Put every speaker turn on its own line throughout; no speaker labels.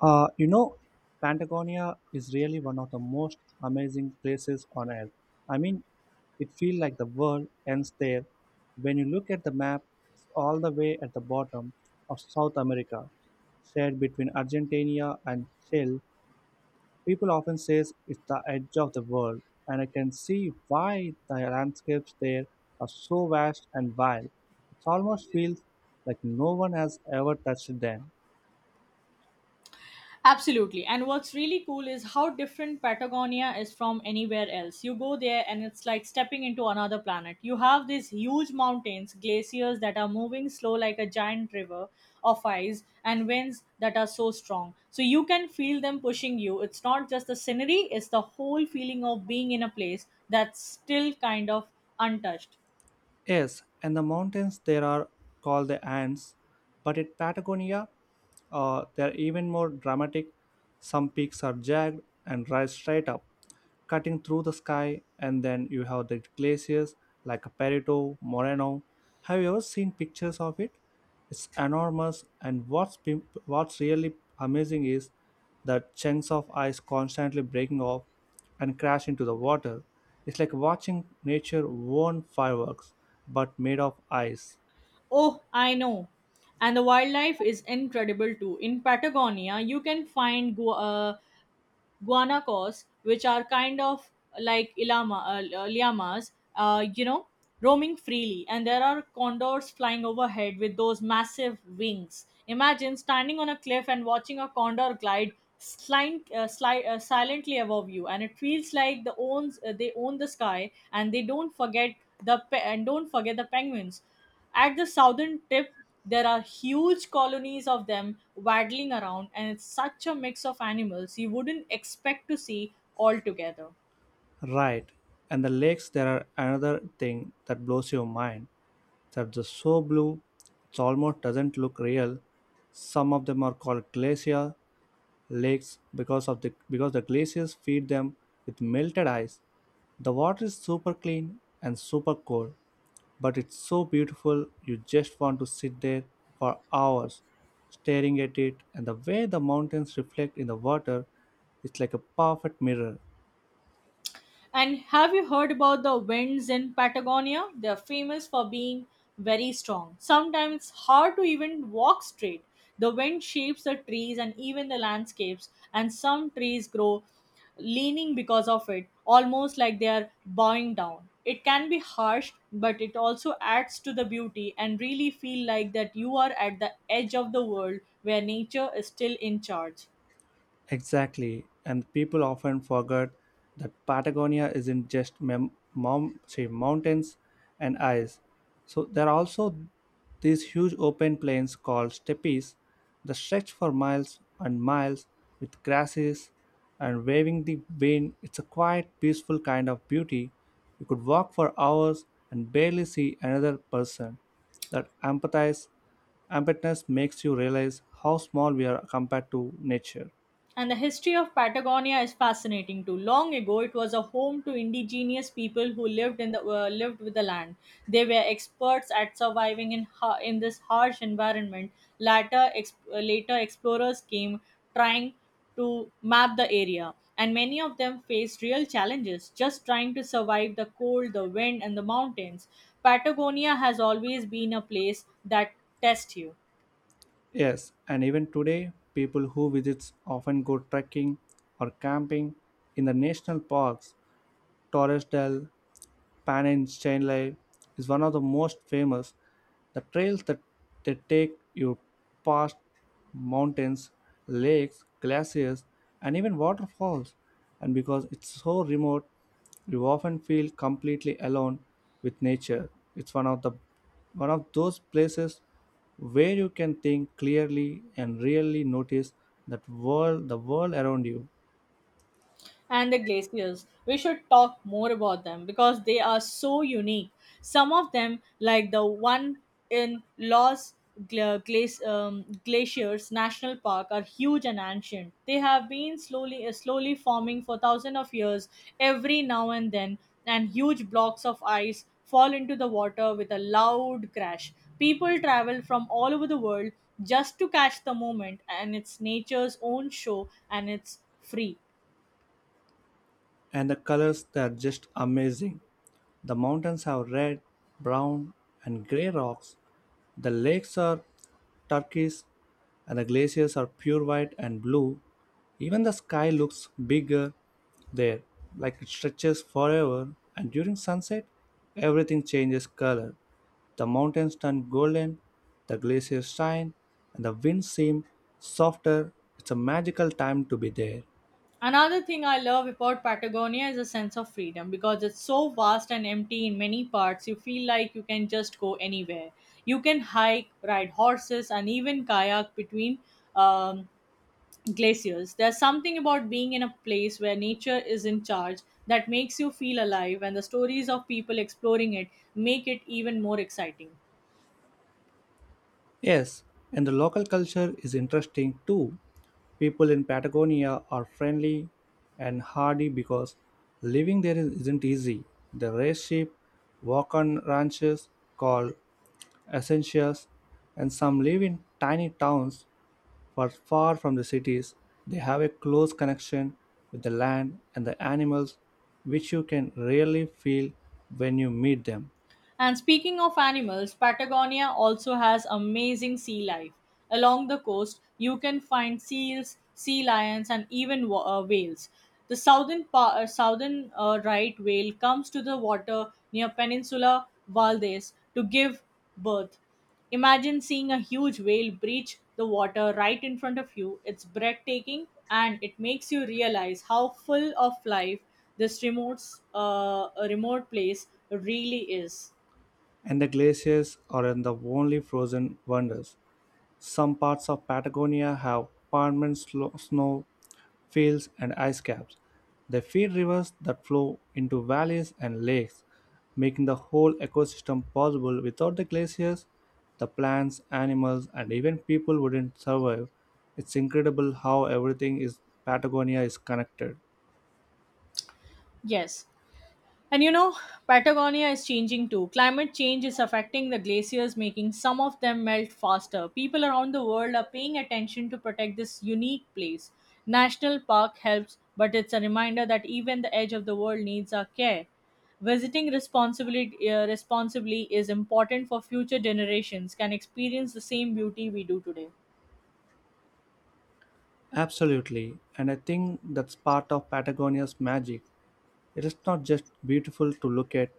Uh, you know, Patagonia is really one of the most amazing places on earth. I mean, it feels like the world ends there. When you look at the map, it's all the way at the bottom of South America, shared between Argentina and Chile. People often say it's the edge of the world, and I can see why the landscapes there are so vast and wild. It almost feels like no one has ever touched them.
Absolutely. And what's really cool is how different Patagonia is from anywhere else. You go there and it's like stepping into another planet. You have these huge mountains, glaciers that are moving slow like a giant river of ice, and winds that are so strong. So you can feel them pushing you. It's not just the scenery, it's the whole feeling of being in a place that's still kind of untouched.
Yes, and the mountains there are called the Andes, but in Patagonia, they're even more dramatic. Some peaks are jagged and rise straight up, cutting through the sky, and then you have the glaciers like Perito, Moreno. Have you ever seen pictures of it? It's enormous, and what's really amazing is the chunks of ice constantly breaking off and crash into the water. It's like watching nature own fireworks, but made of ice.
Oh, I know. And the wildlife is incredible too. In Patagonia, you can find guanacos, which are kind of like llamas, roaming freely. And there are condors flying overhead with those massive wings. Imagine standing on a cliff and watching a condor silently above you, and it feels like they own the sky, and they don't forget the pe- and don't forget the penguins at the southern tip. There are huge colonies of them waddling around, and it's such a mix of animals you wouldn't expect to see all together.
Right. And the lakes, there are another thing that blows your mind. They're just so blue, it almost doesn't look real. Some of them are called glacier lakes because the glaciers feed them with melted ice. The water is super clean and super cold, but it's so beautiful you just want to sit there for hours staring at it, and the way the mountains reflect in the water, it's like a perfect mirror.
And have you heard about the winds in Patagonia? They're famous for being very strong, sometimes hard to even walk straight. The wind shapes the trees and even the landscapes, and some trees grow leaning because of it, almost like they are bowing down. It can be harsh, but it also adds to the beauty and really feel like that you are at the edge of the world where nature is still in charge.
Exactly, and people often forget that Patagonia isn't just mountains and ice. So there are also these huge open plains called steppes that stretch for miles and miles with grasses and waving the wind. It's a quiet, peaceful kind of beauty. You could walk for hours and barely see another person. That empathize, emptiness makes you realize how small we are compared to nature.
And the history of Patagonia is fascinating too. Long ago, it was a home to indigenous people who lived with the land. They were experts at surviving in in this harsh environment. Later explorers came trying to map the area, and many of them faced real challenges just trying to survive the cold, the wind, and the mountains. Patagonia has always been a place that tests you.
Yes, and even today, people who visits often go trekking or camping in the national parks. Torres Del Pan Paninsula is one of the most famous. The trails that they take you past mountains, lakes, glaciers, and even waterfalls. And because it's so remote, you often feel completely alone with nature. It's one of those places where you can think clearly and really notice that world the world around you.
And the glaciers. We should talk more about them because they are so unique. Some of them, like the one in Glaciers National Park, are huge and ancient. They have been slowly forming for thousands of years every now and then, and huge blocks of ice fall into the water with a loud crash. People travel from all over the world just to catch the moment, and it's nature's own show, and it's free.
And the colors, they're just amazing. The mountains have red, brown, and gray rocks. The lakes are turquoise, and the glaciers are pure white and blue. Even the sky looks bigger there, like it stretches forever. And during sunset, everything changes color. The mountains turn golden, the glaciers shine, and the winds seem softer. It's a magical time to be there.
Another thing I love about Patagonia is a sense of freedom because it's so vast and empty in many parts. You feel like you can just go anywhere. You can hike, ride horses, and even kayak between um, glaciers. There's something about being in a place where nature is in charge that makes you feel alive, and the stories of people exploring it make it even more exciting.
Yes, and the local culture is interesting too. People in Patagonia are friendly and hardy because living there isn't easy. They raise sheep, walk on ranches called essentials, and some live in tiny towns for far from the cities. They have a close connection with the land and the animals, which you can rarely feel when you meet them.
And speaking of animals, Patagonia also has amazing sea life. Along the coast, you can find seals, sea lions, and even whales. The southern pa- southern right whale comes to the water near Peninsula Valdes to give birth. Imagine seeing a huge whale breach the water right in front of you. It's breathtaking and it makes you realize how full of life this remote place really is.
And the glaciers are in the only frozen wonders. Some parts of Patagonia have permanent snow fields and ice caps. They feed rivers that flow into valleys and lakes, making the whole ecosystem possible. Without the glaciers, the plants, animals, and even people wouldn't survive. It's incredible how everything is Patagonia is connected.
Yes. And you know, Patagonia is changing too. Climate change is affecting the glaciers, making some of them melt faster. People around the world are paying attention to protect this unique place. National Park helps, but it's a reminder that even the edge of the world needs our care. Visiting responsibly is important for future generations can experience the same beauty we do today.
Absolutely, and I think that's part of Patagonia's magic. It is not just beautiful to look at,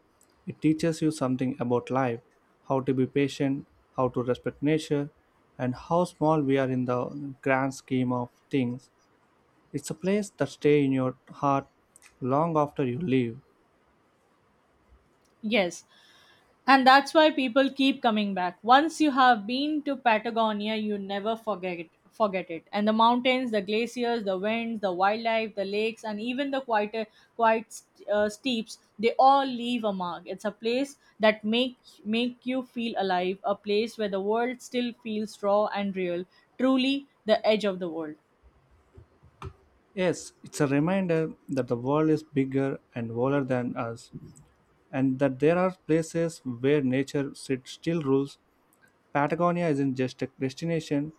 it teaches you something about life, how to be patient, how to respect nature, and how small we are in the grand scheme of things. It's a place that stays in your heart long after you leave.
Yes, and that's why people keep coming back. Once you have been to Patagonia, you never forget it. Forget it. And the mountains, the glaciers, the winds, the wildlife, the lakes, and even the quieter, quiet steeps, they all leave a mark. It's a place that make you feel alive, a place where the world still feels raw and real, truly the edge of the world.
Yes, it's a reminder that the world is bigger and older than us, and that there are places where still rules. Patagonia isn't just a destination,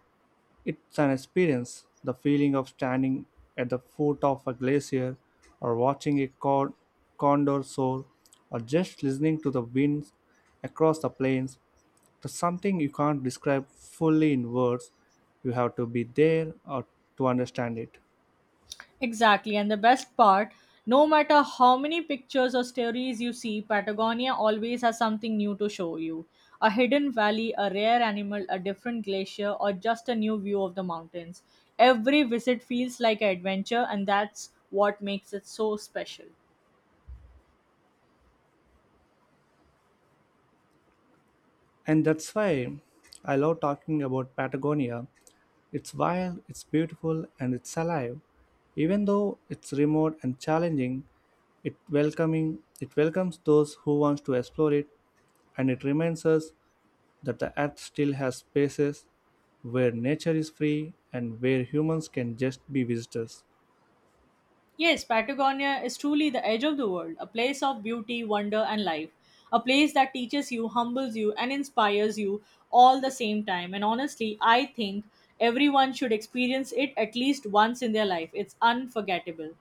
it's an experience. The feeling of standing at the foot of a glacier, or watching a condor soar, or just listening to the winds across the plains. There's something you can't describe fully in words. You have to be there or to understand it.
Exactly, and the best part, no matter how many pictures or stories you see, Patagonia always has something new to show you, a hidden valley, a rare animal, a different glacier, or just a new view of the mountains. Every visit feels like an adventure, and that's what makes it so special.
And that's why I love talking about Patagonia. It's wild, it's beautiful, and it's alive. Even though it's remote and challenging, it welcomes those who want to explore it, and it reminds us that the earth still has spaces where nature is free and where humans can just be visitors.
Yes, Patagonia is truly the edge of the world, a place of beauty, wonder, and life. A place that teaches you, humbles you, and inspires you all the same time. And honestly, I think everyone should experience it at least once in their life. It's unforgettable.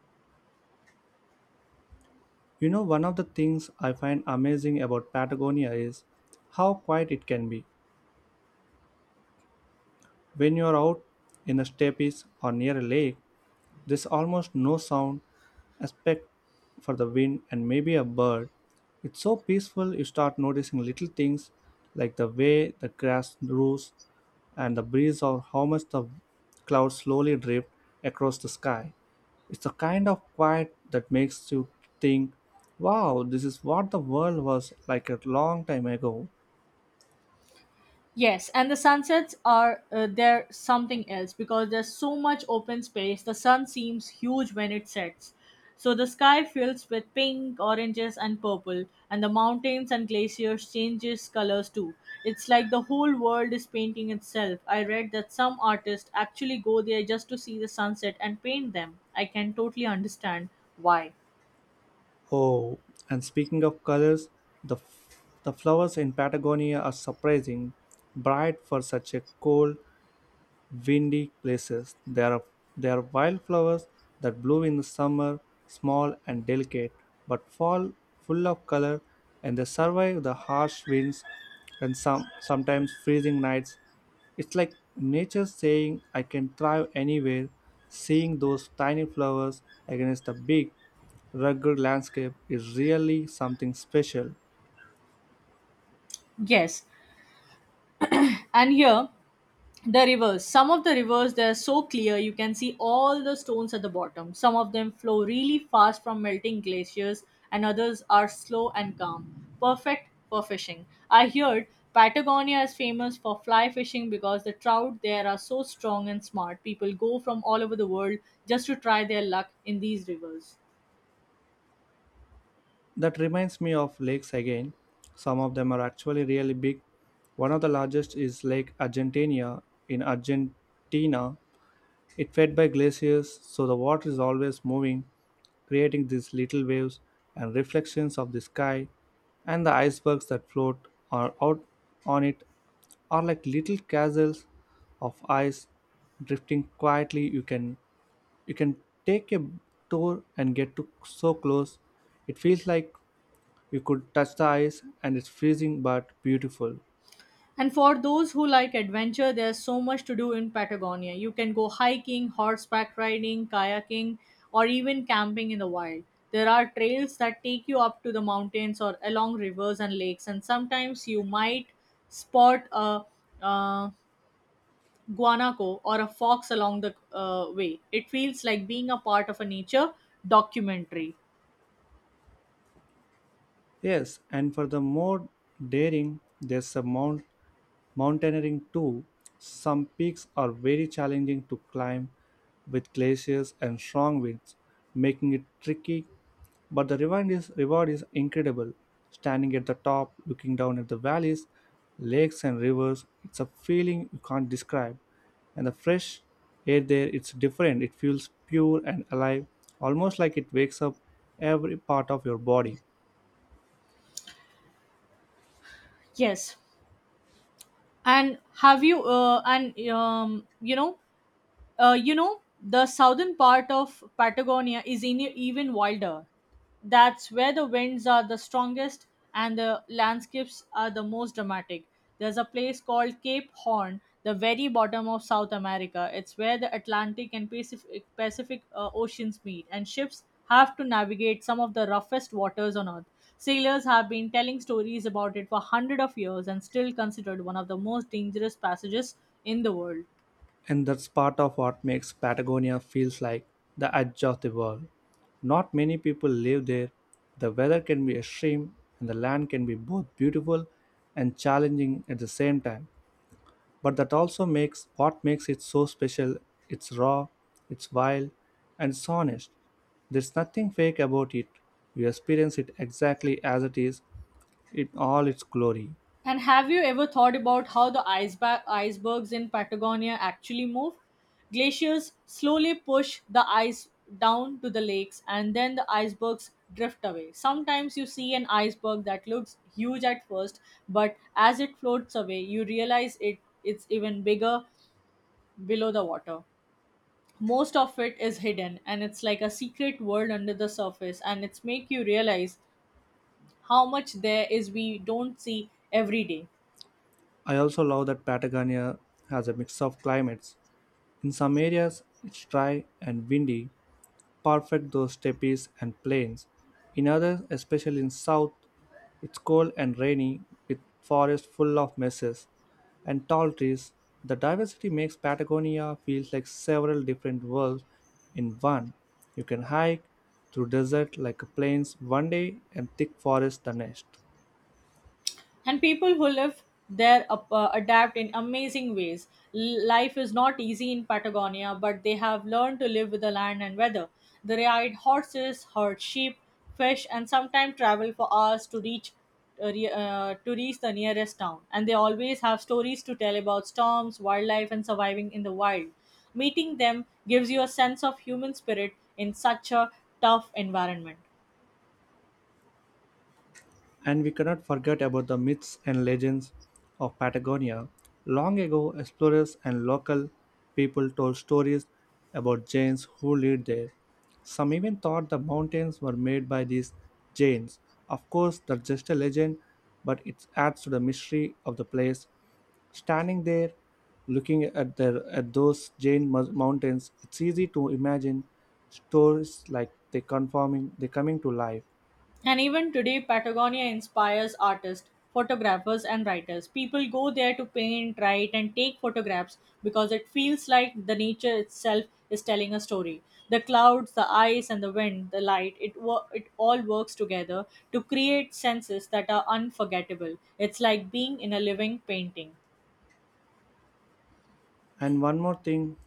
You know, one of the things I find amazing about Patagonia is how quiet it can be. When you are out in the steppes or near a lake, there's almost no sound, except for the wind and maybe a bird. It's so peaceful you start noticing little things like the way the grass grows and the breeze, or how much the clouds slowly drift across the sky. It's the kind of quiet that makes you think, wow, this is what the world was like a long time ago.
Yes, and the sunsets are they're something else because there's so much open space. The sun seems huge when it sets. So the sky fills with pink, oranges and purple, and the mountains and glaciers changes colors too. It's like the whole world is painting itself. I read that some artists actually go there just to see the sunset and paint them. I can totally understand why.
Oh, and speaking of colors, the flowers in Patagonia are surprising bright for such a cold windy places. There are wildflowers that bloom in the summer, small and delicate, but fall full of color, and they survive the harsh winds and sometimes freezing nights. It's like nature saying, I can thrive anywhere. Seeing those tiny flowers against the big, rugged landscape is really something special.
Yes, and here the rivers some of the rivers, they're so clear you can see all the stones at the bottom. Some of them flow really fast from melting glaciers, and others are slow and calm, perfect for fishing. I heard Patagonia is famous for fly fishing because the trout there are so strong and smart. People go from all over the world just to try their luck in these rivers.
That reminds me of lakes again. Some of them are actually really big. One of the largest is Lake Argentina in Argentina. It fed by glaciers, so the water is always moving, creating these little waves and reflections of the sky, and the icebergs that float are out on it are like little castles of ice drifting quietly. You can you can take a tour and get to so close, it feels like you could touch the ice, and it's freezing but beautiful.
And for those who like adventure, there's so much to do in Patagonia. You can go hiking, horseback riding, kayaking, or even camping in the wild. There are trails that take you up to the mountains or along rivers and lakes, and sometimes you might spot a uh, guanaco or a fox along the way. It feels like being a part of a nature documentary.
Yes, and for the more daring, there's a Mountaineering too. Some peaks are very challenging to climb with glaciers and strong winds, making it tricky. But reward is incredible. Standing at the top, looking down at the valleys, lakes, and rivers, it's a feeling you can't describe. And the fresh air there, it's different. It feels pure and alive, almost like it wakes up every part of your body.
Yes. And have you, and you know, The southern part of Patagonia is in, even wilder. That's where the winds are the strongest and the landscapes are the most dramatic. There's a place called Cape Horn, the very bottom of South America. It's where the Atlantic and Pacific oceans meet, and ships have to navigate some of the roughest waters on Earth. Sailors have been telling stories about it for hundreds of years and still considered one of the most dangerous passages in the world.
And that's part of what makes Patagonia feels like the edge of the world. Not many people live there. The weather can be extreme and the land can be both beautiful and challenging at the same time. But that also makes what makes it so special. It's raw, it's wild, and it's honest. There's nothing fake about it. You experience it exactly as it is in all its glory.
And have you ever thought about how the icebergs in Patagonia actually move? Glaciers slowly push the ice down to the lakes and then the icebergs drift away. Sometimes you see an iceberg that looks huge at first, but as it floats away, you realize it's even bigger below the water. Most of it is hidden and it's like a secret world under the surface, and it's make you realize how much there is we don't see every day.
I also love that Patagonia has a mix of climates. In some areas, it's dry and windy, perfect though steppes and plains. In others, especially in south, it's cold and rainy with forests full of messes and tall trees. The diversity makes Patagonia feel like several different worlds in one. You can hike through desert like plains one day and thick forest the next.
And people who live there adapt in amazing ways. Life is not easy in Patagonia, but they have learned to live with the land and weather. They ride horses, herd sheep, fish, and sometimes travel for hours to reach to reach the nearest town. And they always have stories to tell about storms, wildlife, and surviving in the wild. Meeting them gives you a sense of human spirit in such a tough environment.
And we cannot forget about the myths and legends of Patagonia. Long ago, explorers and local people told stories about giants who lived there. Some even thought the mountains were made by these giants. Of course, that's just a legend, but it adds to the mystery of the place. Standing there, looking at their at those mountains, it's easy to imagine stories like they coming to life.
And even today, Patagonia inspires artists, photographers, and writers. People go there to paint, write, and take photographs because it feels like the nature itself is telling a story. The clouds, the ice, and the wind, the light, it all works together to create senses that are unforgettable. It's like being in a living painting.
And one more thing,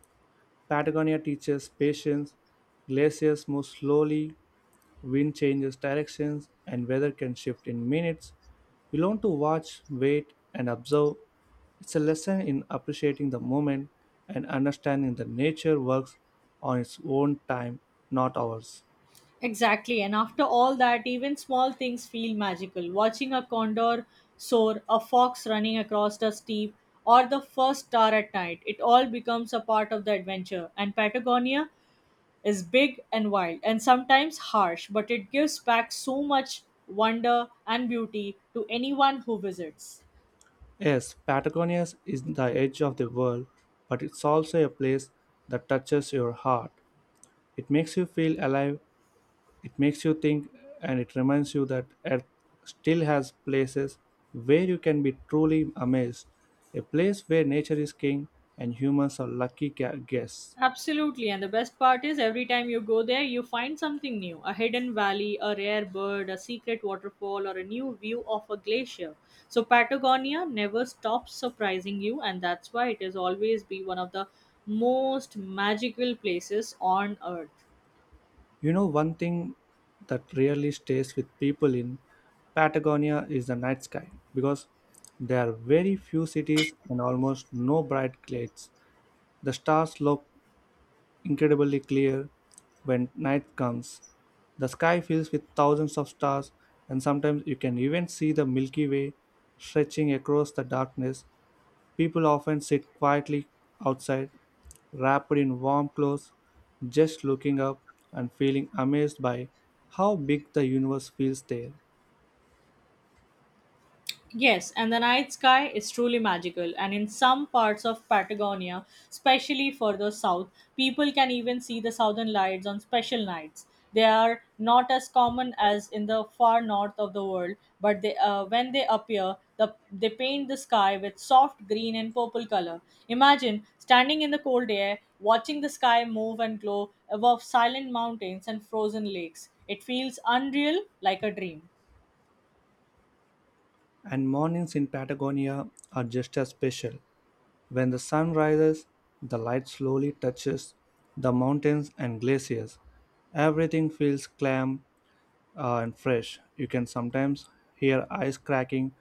Patagonia teaches patience. Glaciers move slowly, wind changes directions, and weather can shift in minutes. You learn to watch, wait, and observe. It's a lesson in appreciating the moment and understanding that nature works on its own time, not ours.
Exactly. And after all that, even small things feel magical. Watching a condor soar, a fox running across the steep, or the first star at night, it all becomes a part of the adventure. And Patagonia is big and wild and sometimes harsh, but it gives back so much wonder and beauty to anyone who visits.
Yes, Patagonia is the edge of the world, but it's also a place that touches your heart. It makes you feel alive. It makes you think, and it reminds you that Earth still has places where you can be truly amazed. A place where nature is king and humans are lucky guests.
Absolutely, and the best part is every time you go there, you find something new, a hidden valley, a rare bird, a secret waterfall, or a new view of a glacier. So, Patagonia never stops surprising you, and that's why it has always been one of the most magical places on earth.
You know, one thing that really stays with people in Patagonia is the night sky, because there are very few cities and almost no bright lights. The stars look incredibly clear when night comes. The sky fills with thousands of stars, and sometimes you can even see the Milky Way stretching across the darkness. People often sit quietly outside, wrapped in warm clothes, just looking up and feeling amazed by how big the universe feels there.
Yes, and the night sky is truly magical. And in some parts of Patagonia, especially further south, people can even see the southern lights on special nights. They are not as common as in the far north of the world, but when they appear, they paint the sky with soft green and purple color. Imagine standing in the cold air, watching the sky move and glow above silent mountains and frozen lakes. It feels unreal, like a dream.
And mornings in Patagonia are just as special. When the sun rises, the light slowly touches the mountains and glaciers. Everything feels calm and fresh. You can sometimes hear ice cracking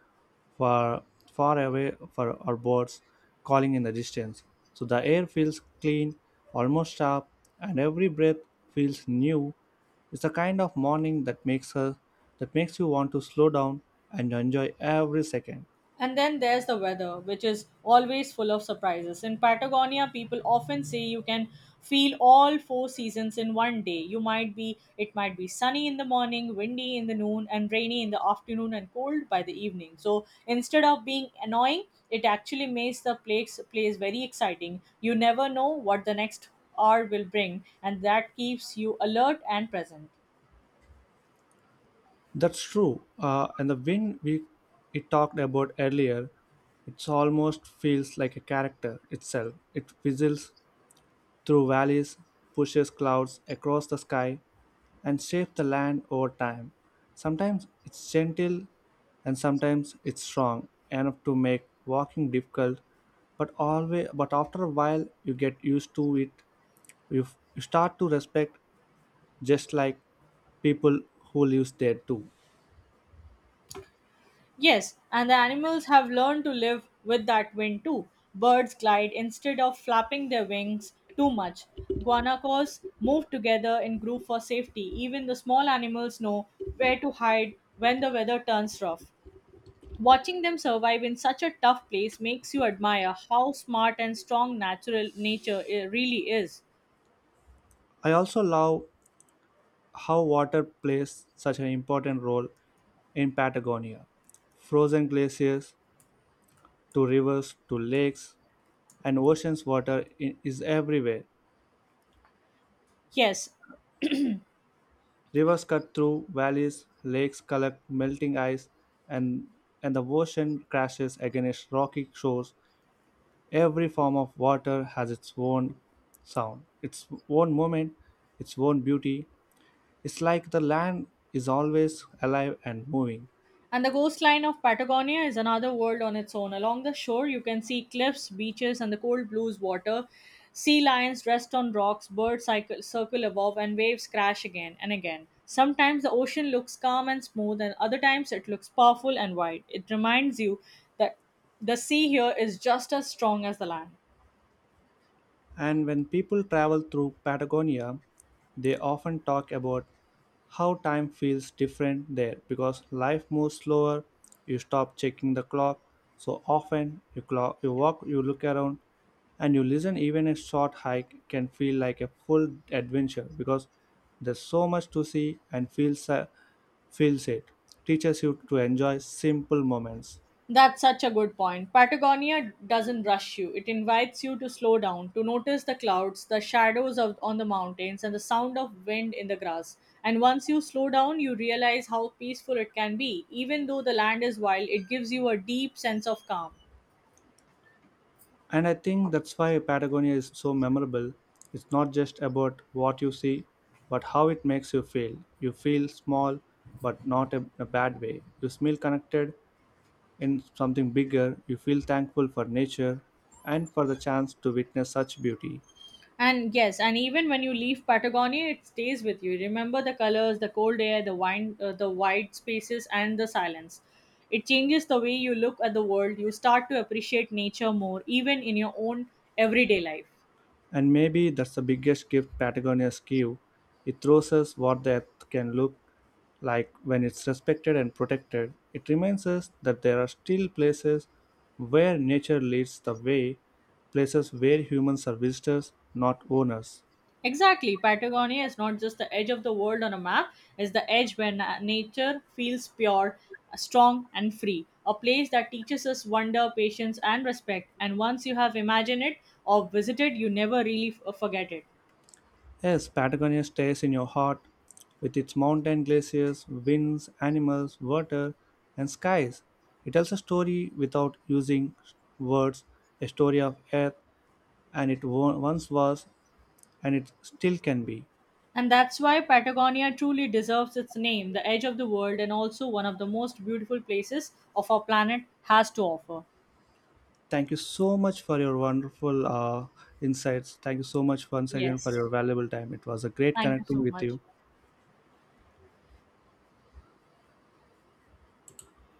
far, far away for our birds calling in the distance. So the air feels clean, almost sharp, and every breath feels new. It's the kind of morning that makes you want to slow down and enjoy every second.
And then there's the weather, which is always full of surprises. In Patagonia, people often say you can feel all four seasons in one day. You might be It might be sunny in the morning, windy in the noon, and rainy in the afternoon and cold by the evening. So instead of being annoying, it actually makes the place place very exciting. You never know what the next hour will bring, and that keeps you alert and present.
That's true. And the win we it talked about earlier, it's almost feels like a character itself. It whistles through valleys, pushes clouds across the sky, and shapes the land over time. Sometimes it's gentle, and sometimes it's strong enough to make walking difficult. But after a while, you get used to it. You, you start to respect just like people who lives there too.
Yes, and the animals have learned to live with that wind too. Birds glide instead of flapping their wings too much. Guanacos move together in group for safety. Even the small animals know where to hide when the weather turns rough. Watching them survive in such a tough place makes you admire how smart and strong natural nature really is.
I also love how water plays such an important role in Patagonia. Frozen glaciers to rivers to lakes and oceans water is everywhere.
Yes,
Rivers cut through valleys, lakes collect melting ice, and and the ocean crashes against rocky shores. Every form of water has its own sound, its own moment, its own beauty. It's like the land is always alive and moving.
and the coastline of Patagonia is another world on its own. Along the shore, you can see cliffs, beaches, and the cold blues water. Sea lions rest on rocks, birds circle above, and waves crash again and again. Sometimes the ocean looks calm and smooth, and other times it looks powerful and wide. It reminds you that the sea here is just as strong as the land.
And when people travel through Patagonia, they often talk about how time feels different there because life moves slower, you stop checking the clock so often. You, you walk, you look around, and you listen. Even a short hike can feel like a full adventure because there's so much to see and feels it. Teaches you to enjoy simple moments.
That's such a good point. Patagonia doesn't rush you. It invites you to slow down, to notice the clouds, the shadows of, on the mountains, and the sound of wind in the grass. And once you slow down, you realize how peaceful it can be. Even though the land is wild, it gives you a deep sense of calm.
And I think that's why Patagonia is so memorable. It's not just about what you see, but how it makes you feel. You feel small, but not a- in a bad way. You feel connected in something bigger. You feel thankful for nature and for the chance to witness such beauty.
And yes, and even when you leave Patagonia, it stays with you. Remember the colors, the cold air, the wide spaces, and the silence. It changes the way you look at the world. You start to appreciate nature more, even in your own everyday life.
And maybe that's the biggest gift Patagonia's give. It shows us what the earth can look like when it's respected and protected. It reminds us that there are still places where nature leads the way, places where humans are visitors, not owners.
Exactly, Patagonia is not just the edge of the world on a map; it's the edge where nature feels pure, strong, and free. A place that teaches us wonder, patience, and respect. And once you have imagined it or visited, you never really forget it.
Yes, Patagonia stays in your heart with its mountain glaciers, winds, animals, water, and skies. It tells a story without using words, a story of earth, and once was, and it still can be.
And that's why Patagonia truly deserves its name, the edge of the world, and also one of the most beautiful places of our planet has to offer.
Thank you so much for your wonderful insights. Thank you so much once again for
Yes.
your valuable time. It was a great
Thank you
connecting
so
with
much.
you.